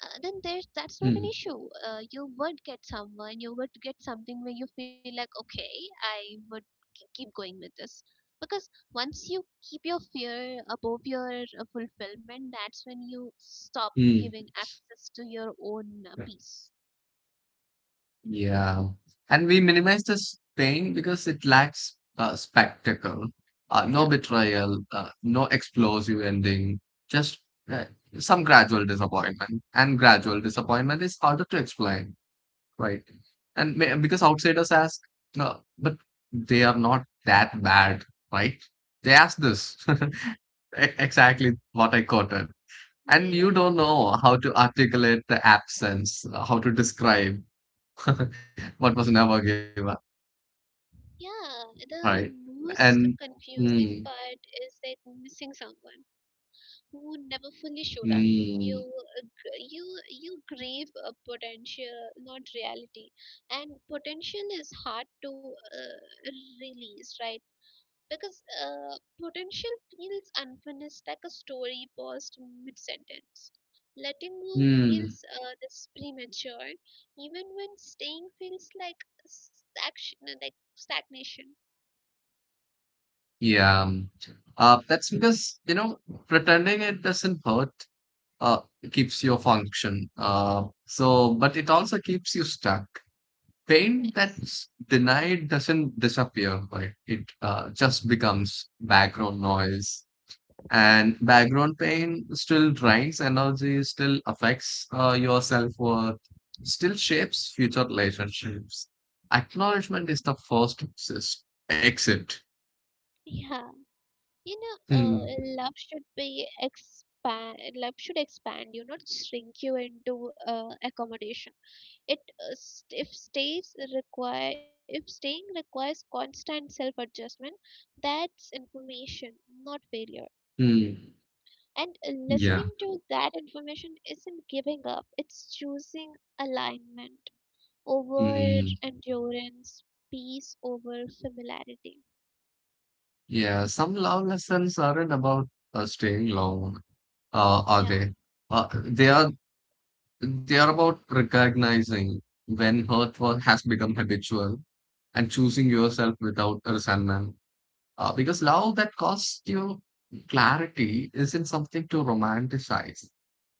then there's that's not an Hmm. issue. You would get someone, you would get something where you feel like, okay, I would keep going with this. Because once you keep your fear above your fulfillment, that's when you stop Mm. giving access to your own peace. Yeah. And we minimize the pain because it lacks spectacle, Yeah, no betrayal, no explosive ending, just uh, some gradual disappointment. And gradual indeed. disappointment is harder to explain, right? And because outsiders ask, no, but they are not that bad, right? They ask this. [LAUGHS] [LAUGHS] Exactly what I quoted. They And are. you don't know how to articulate the absence, how to describe [LAUGHS] what was never given, Yeah, right? the And most mm, confusing part is that missing someone who never fully showed up. mm, You gr- you grieve a potential, not reality, and potential is hard to release, right? Because potential feels unfinished, like a story paused mid sentence. Letting go mm, feels this premature, even when staying feels like stagnation. Like stagnation. yeah, that's because you know pretending it doesn't hurt uh, keeps your function. So, but it also keeps you stuck. Pain Yes. that's denied doesn't disappear, right? It just becomes background noise, and background pain still drives energy, still affects your self worth, still shapes future relationships. Acknowledgement is the first exit. Yeah. you know Hmm. uh, Love should be expand, love should expand you not shrink you into accommodation. It uh, st- if stays require if staying requires constant self adjustment, that's information, not failure. Hmm. And listening Yeah. to that information isn't giving up, it's choosing alignment over Hmm. endurance, peace over familiarity. Yeah. Some love lessons aren't about staying long, are Yeah, they? Uh, they no. are they are about recognizing when hurt work has become habitual and choosing yourself without resentment. Because love that costs you clarity isn't something to romanticize.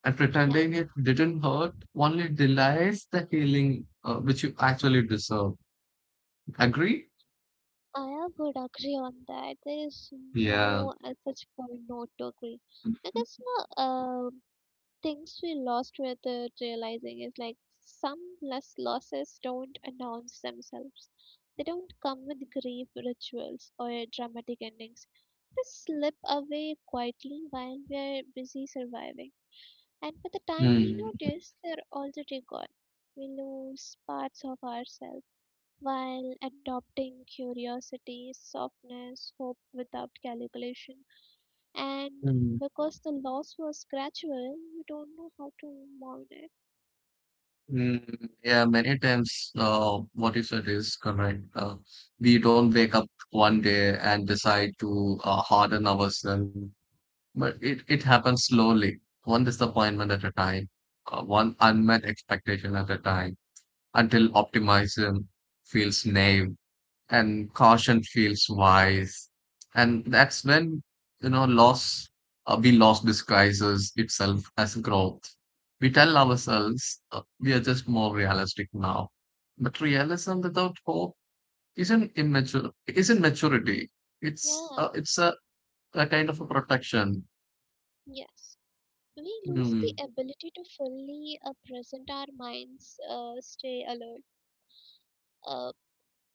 And Yeah. pretending it didn't hurt only delays the healing which you actually deserve. Agree? I would agree on that. There is no Yeah. at such point not to agree. I guess no. Things we lost without realizing is like some less losses don't announce themselves. They don't come with grief rituals or dramatic endings. They slip away quietly while we're busy surviving. And by the time we Mm. notice, they're already gone. We lose parts of ourselves while adopting curiosity, softness, hope without calculation, and because the loss was gradual, you don't know how to mourn it. Mm, yeah, many times what you said is correct. We don't wake up one day and decide to harden ourselves, but it happens slowly, one disappointment at a time, one unmet expectation at a time, until optimism feels naive and caution feels wise. And that's when, you know, loss, we loss disguises itself as growth. We tell ourselves we are just more realistic now. But realism without hope isn't maturity. It's, Yeah, uh, it's a, a kind of a protection. yes. We lose the Hmm. ability to fully present our minds, stay alert, uh,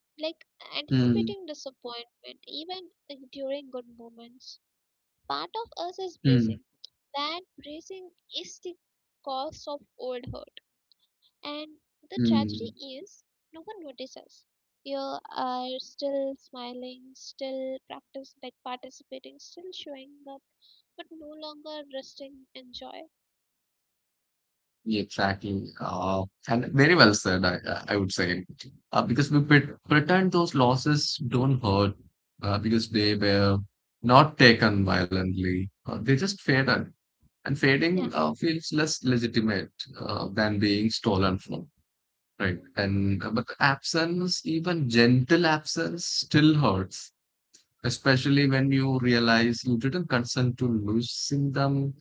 like anticipating Hmm. disappointment, even during good moments. Part of us is Hmm. bracing. That bracing is the cause of old hurt. And the Hmm. tragedy is, no one notices. You are still smiling, still practice, like participating, still showing up, but no longer resting in joy. Exactly. And very well said, I would say. Because we pretend those losses don't hurt because they were not taken violently. They just faded. And fading Yeah, feels less legitimate than being stolen from, right? hmm, And but the absence, even gentle absence, still hurts, especially when you realize you didn't consent to losing them.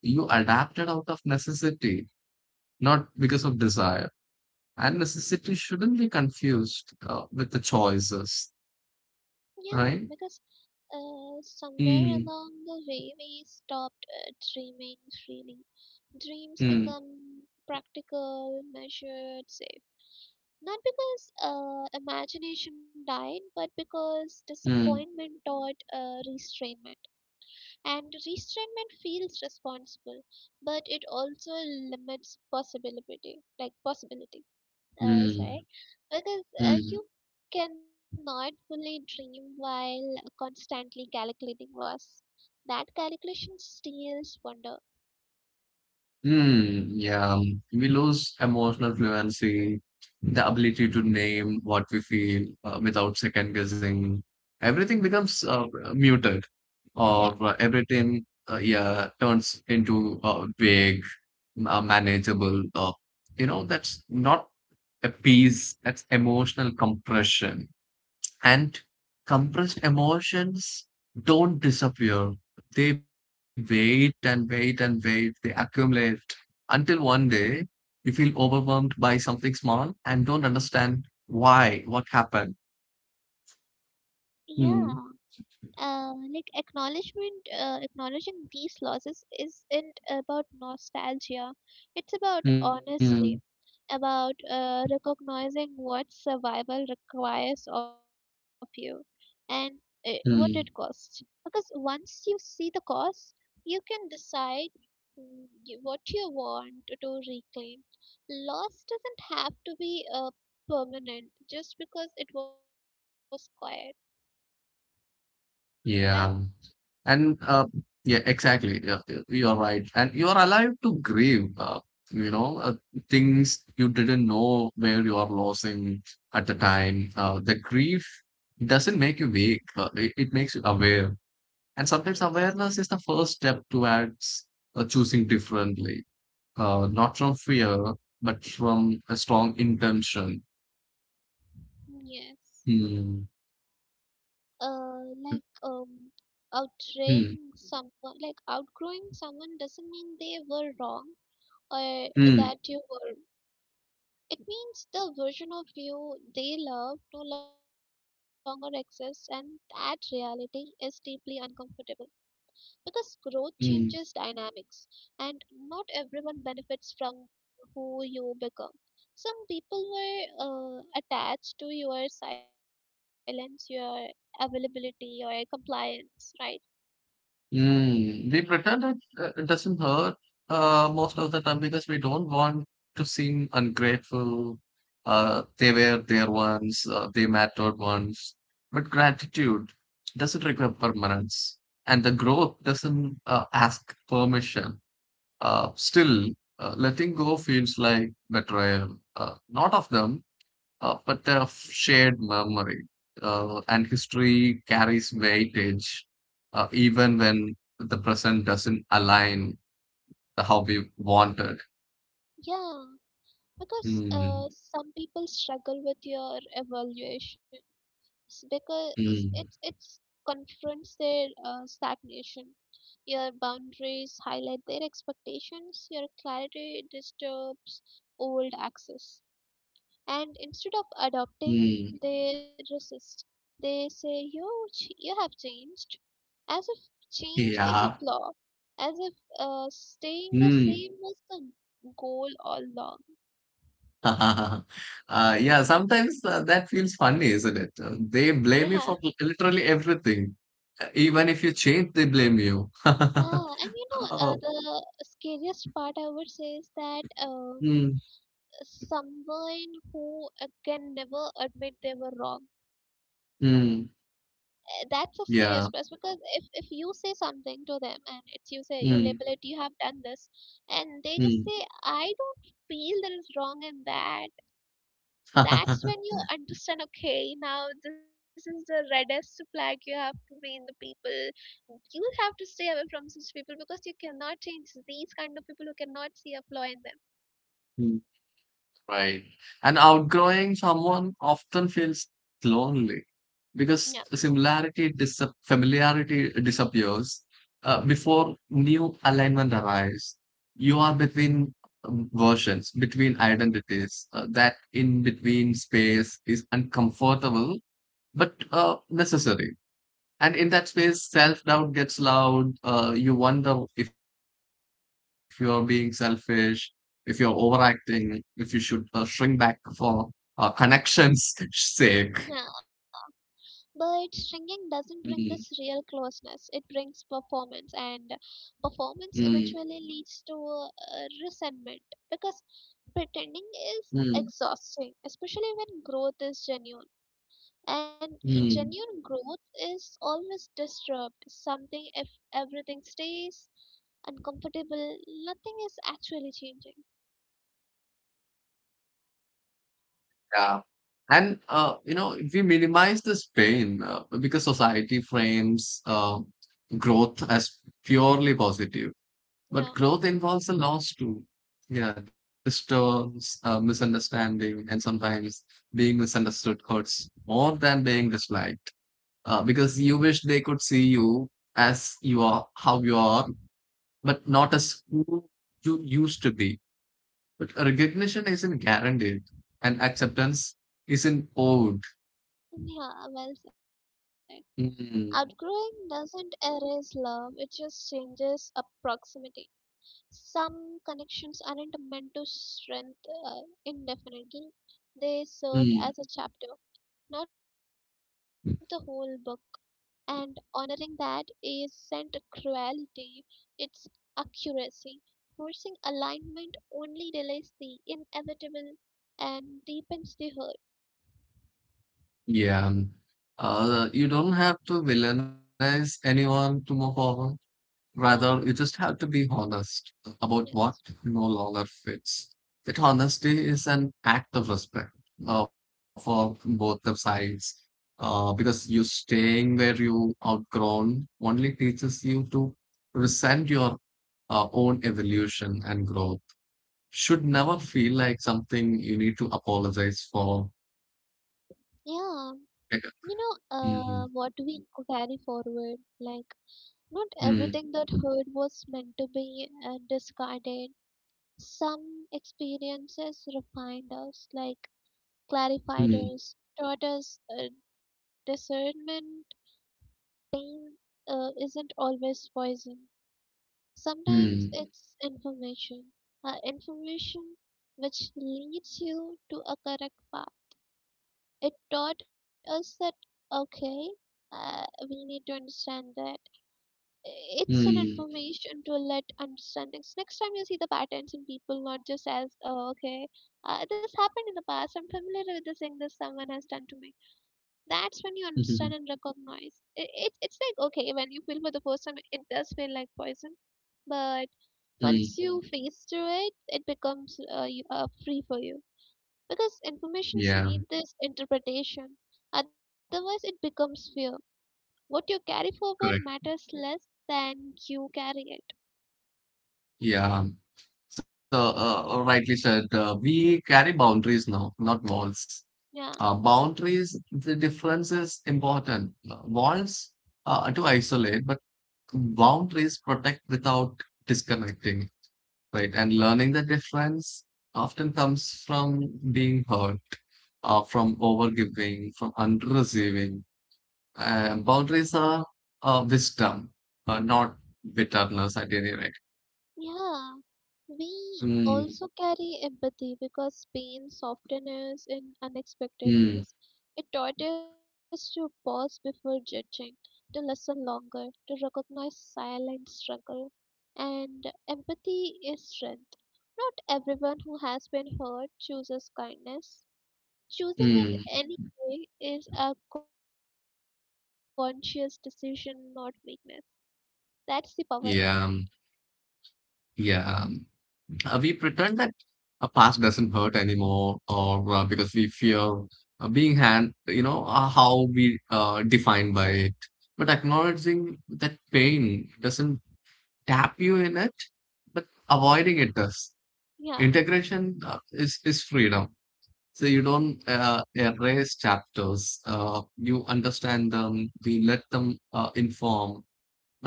You adapted out of necessity not because of desire. And necessity shouldn't be confused with the choices, yeah, right? because Mm, somewhere along the way we stopped dreaming freely. Dreams mm, become practical, measured, safe. Not because imagination died, but because mm, disappointment taught restraint. And restraint feels responsible, but it also limits possibility, like possibility. Mm, Sorry, because mm, you cannot fully dream while constantly calculating loss. That calculation steals wonder. mm. Yeah, we lose emotional fluency, the ability to name what we feel without second guessing. Everything becomes muted. Yeah, Or everything yeah turns into vague, manageable, you know, that's not a piece. That's emotional compression, and compressed emotions don't disappear. They wait and wait and wait. They accumulate until one day you feel overwhelmed by something small and don't understand why, what happened. yeah. Hmm. Like acknowledgement, acknowledging these losses isn't about nostalgia. It's about Hmm. honesty, about recognizing what survival requires of you and what it Hmm. costs. Because once you see the cost, you can decide what you want to reclaim. Loss doesn't have to be permanent just because it was quiet, Yeah. right? And yeah, exactly. Yeah, you're right. And you're allowed to grieve, you know, uh, things you didn't know where you are losing at the time. The grief doesn't make you weak, it makes you aware. And sometimes Yes. awareness is the first step towards choosing differently, not from fear, but from a strong intention. Yes. Hmm. Like Outgrowing Hmm. someone, like outgrowing someone doesn't mean they were wrong or Hmm. that you were. It means the version of you they love no longer exists, and that reality is deeply uncomfortable because growth changes Hmm. dynamics and not everyone benefits from who you become. Some people were attached to your silence, your availability, your compliance, right? Mm, we pretend it doesn't hurt most of the time because we don't want to seem ungrateful. They were there once, they mattered once. But gratitude doesn't require permanence, and the growth doesn't ask permission. Still, letting go feels like betrayal, not of them, but a shared memory and history carries weightage even when the present doesn't align the how we wanted. Yeah, because Mm, some people struggle with your evaluation s- because mm, it's confronts their stagnation. Your boundaries highlight their expectations. Your clarity disturbs old access. And instead of mm, adopting, they resist. They say you have changed, as if change is yeah. a flaw, as if staying the Mm. same was the goal all along. [LAUGHS] uh, yeah, sometimes that feels funny, isn't it? They Yeah, blame you for literally everything. Even if you change, they blame you. yeah, and you [LAUGHS] know Oh. the scariest part I would say is that. Mm. Someone who can never admit they were wrong. Mm. That's the scariest part Yeah. because if you say something to them and it's you say you label Mm. it you have done this, and they just Mm. say I don't feel there is wrong in that. That's when [LAUGHS] you understand okay now this is the reddest flag, you have to be in the people you have to stay away from such people because you cannot change these kind of people who cannot see a flaw in them. Mm. Right. And outgrowing someone often feels lonely because Yeah. similarity dis familiarity disappears before new alignment arrives. You are between versions, between identities. That in between space is uncomfortable but necessary. And in that space self-doubt gets loud. You wonder if you're being selfish, if you're overacting, if you should shrink back for connections [LAUGHS] sake. Yeah. But shrinking doesn't bring mm, this real closeness. It brings performance, and performance mm, eventually leads to resentment because pretending is mm, exhausting, especially when growth is genuine. And mm, genuine growth is always disturbed. Something if everything stays uncomfortable, nothing is actually changing. yeah, and you know, we minimize this pain because society frames growth as purely positive. Yeah, But growth involves a loss too. Yeah, disturbs, misunderstanding, and sometimes being misunderstood hurts more than being disliked. Because you hmm. wish they could see you as you are, how you are, but not as who you used to be. But recognition isn't guaranteed, and acceptance isn't owed. Yeah, well said. Outgrowing Mm. doesn't erase love, it just changes a proximity. Some connections aren't meant to strengthen uh, indefinitely, they served as a Mm. chapter, not the whole book. And honoring that isn't cruelty, it's accuracy. Forcing alignment only delays the inevitable and deepens the hurt. Yeah. You don't have to villainize anyone to move forward. Rather, Yeah, you just have to be honest about what yes. no longer fits. That honesty is an act of respect for both the sides. Because you staying where you outgrown only teaches you to resent your own evolution. And growth should never feel like something you need to apologize for. Yeah, you Like. know, what mm, we carry forward, like not everything mm, that hurt was meant to be discarded. Some experiences refined us, like clarified mm, us, taught us discernment. Pain isn't always poison. Sometimes mm, it's information, information which leads you to a correct path. It taught us that, okay, uh, we need to understand that it's an mm, information to let understandings. Next time you see the patterns in people, not just as, oh, okay, this happened in the past, I'm familiar with this thing this someone has done to me. That's when you understand [LAUGHS] and mm. recognize. It's like, okay, when you feel for the first time, it does feel like poison. But Mm. once you face through it, it becomes free for you because informations Yeah, need this interpretation. Otherwise, it becomes fear. What you carry forward matters correct. less than you carry it. Yeah. So, rightly said, we carry boundaries now, not walls. Yeah, Boundaries, the difference is important. Walls to isolate, but boundaries protect without disconnecting, right? And learning the difference often comes from being hurt, from overgiving, from under-receiving. And boundaries are wisdom, not bitterness at any rate. yeah. We Mm. also carry empathy because pain softens in unexpected Mm. ways. It taught us to pause before judging, to listen longer, to recognize silent struggle. And empathy is strength. Not everyone who has been hurt chooses kindness. Choosing it Mm. anyway is a conscious decision, not weakness. That's the power. Yeah. Yeah. We pretend that a past doesn't hurt anymore, or because we fear being hand, you know, how we defined by it. But acknowledging that pain doesn't tap you in it, but avoiding it does. Yeah. Integration is freedom. So you don't Hmm. Erase chapters. You understand them. We let them inform,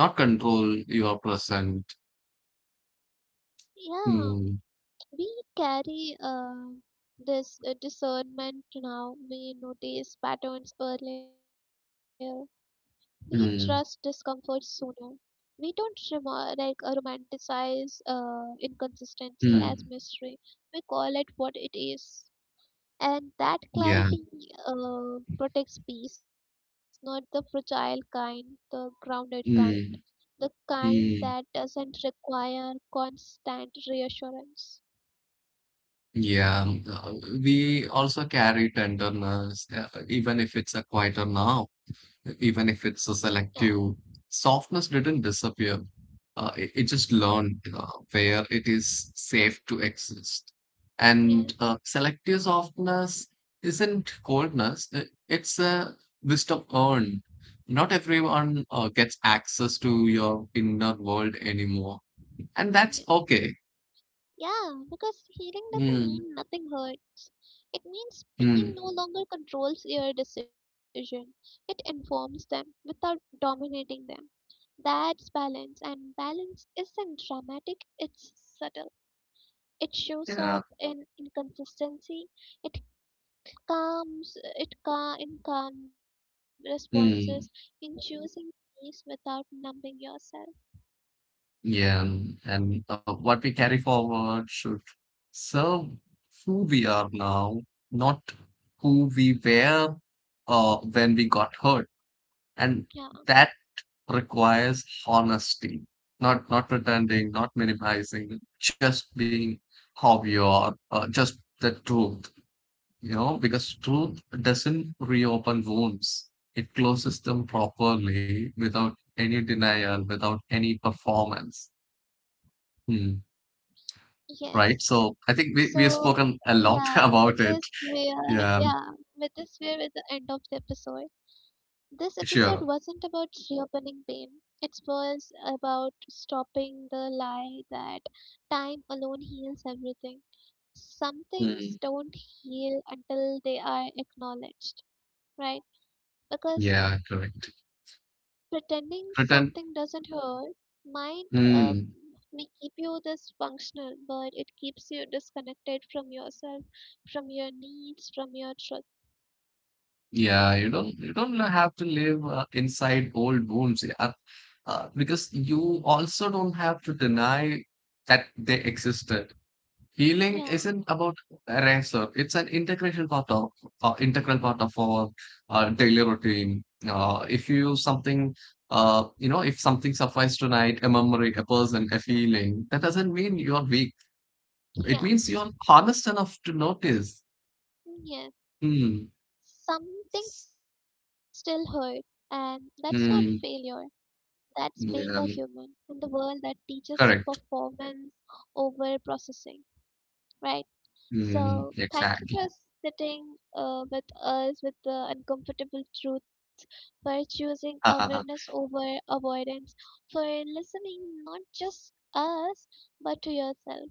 not control your present. Yeah. Mm. We carry this discernment now. We notice patterns earlier. We trust discomfort Mm. sooner. We don't romanticize inconsistency as Mm. mystery. We call it what it is. And that Yeah. clarity protects peace, not the fragile kind, the grounded kind, the Mm. kind that Mm. doesn't require constant reassurance. Yeah. We also carry tenderness, even if it's a quieter now, Yeah, even if it's a selective. Softness didn't disappear. It just learned where it is safe to exist. And yes. uh, selective softness isn't coldness, it's a wisdom earned. Not everyone gets access to your inner world anymore. And Yeah, that's okay. yeah, because healing doesn't Mm. mean nothing hurts. It means pain Mm. no longer controls your decision, it informs them without dominating them. That's balance, and balance isn't dramatic, it's subtle. It shows Yeah. up in inconsistency. It It calm in calm responses in Mm. choosing peace without numbing yourself. Yeah. And what we carry forward should serve who we are now, not who we were when we got hurt. And Yeah. that requires honesty, not pretending, not minimizing, just being how you are, just the truth. You know, because truth doesn't reopen wounds. It closes them properly without any denial, without any performance. Hmm. Yes. Right? So I So think we have yeah, spoken a with lot [LAUGHS] this about it. we're yeah Yeah, with this we're at the end of the episode. This episode wasn't sure. about reopening pain. It was about stopping the lie that time alone heals everything. Some things Mm. don't heal until they are acknowledged, right? Because Yeah, correct. pretending Pretend. something doesn't hurt might Mm. may keep you this functional, but it keeps you disconnected from yourself, from your needs, from your truth. Yeah, you don't have to live inside old wounds, yeah, because you also don't have to deny that they existed. Healing Yeah, isn't about ransom. It's an integration part of, integral part of our daily routine. If you use something, you know, if something suffices tonight, a memory, a person, a feeling, that doesn't mean you are weak. It yeah, means you are honest enough to notice. yeah. Hmm. Something still hurt, and that's not failure. Hmm. That's being a human Yeah. in the world that teaches Correct. performance over processing, right? Hmm. So, thank you Exactly. for sitting with us with the uncomfortable truths, for choosing awareness [LAUGHS] over avoidance, for listening not just us but to yourself.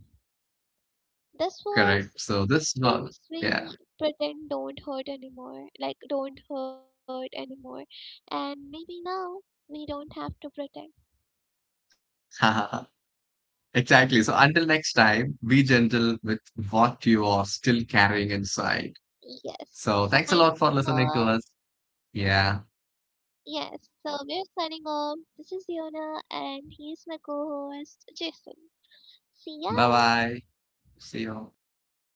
This Correct. was So this one, things yeah. we pretend don't hurt anymore, like don't hurt anymore. And maybe now we don't have to pretend. [LAUGHS] Exactly. So until next time, be gentle with what you are still carrying inside. Yes. So Signing thanks a lot off. for listening to us. Yes. So Yeah. we're signing off. This is Yona and he's my co host, Jason. See ya. Bye bye. See you.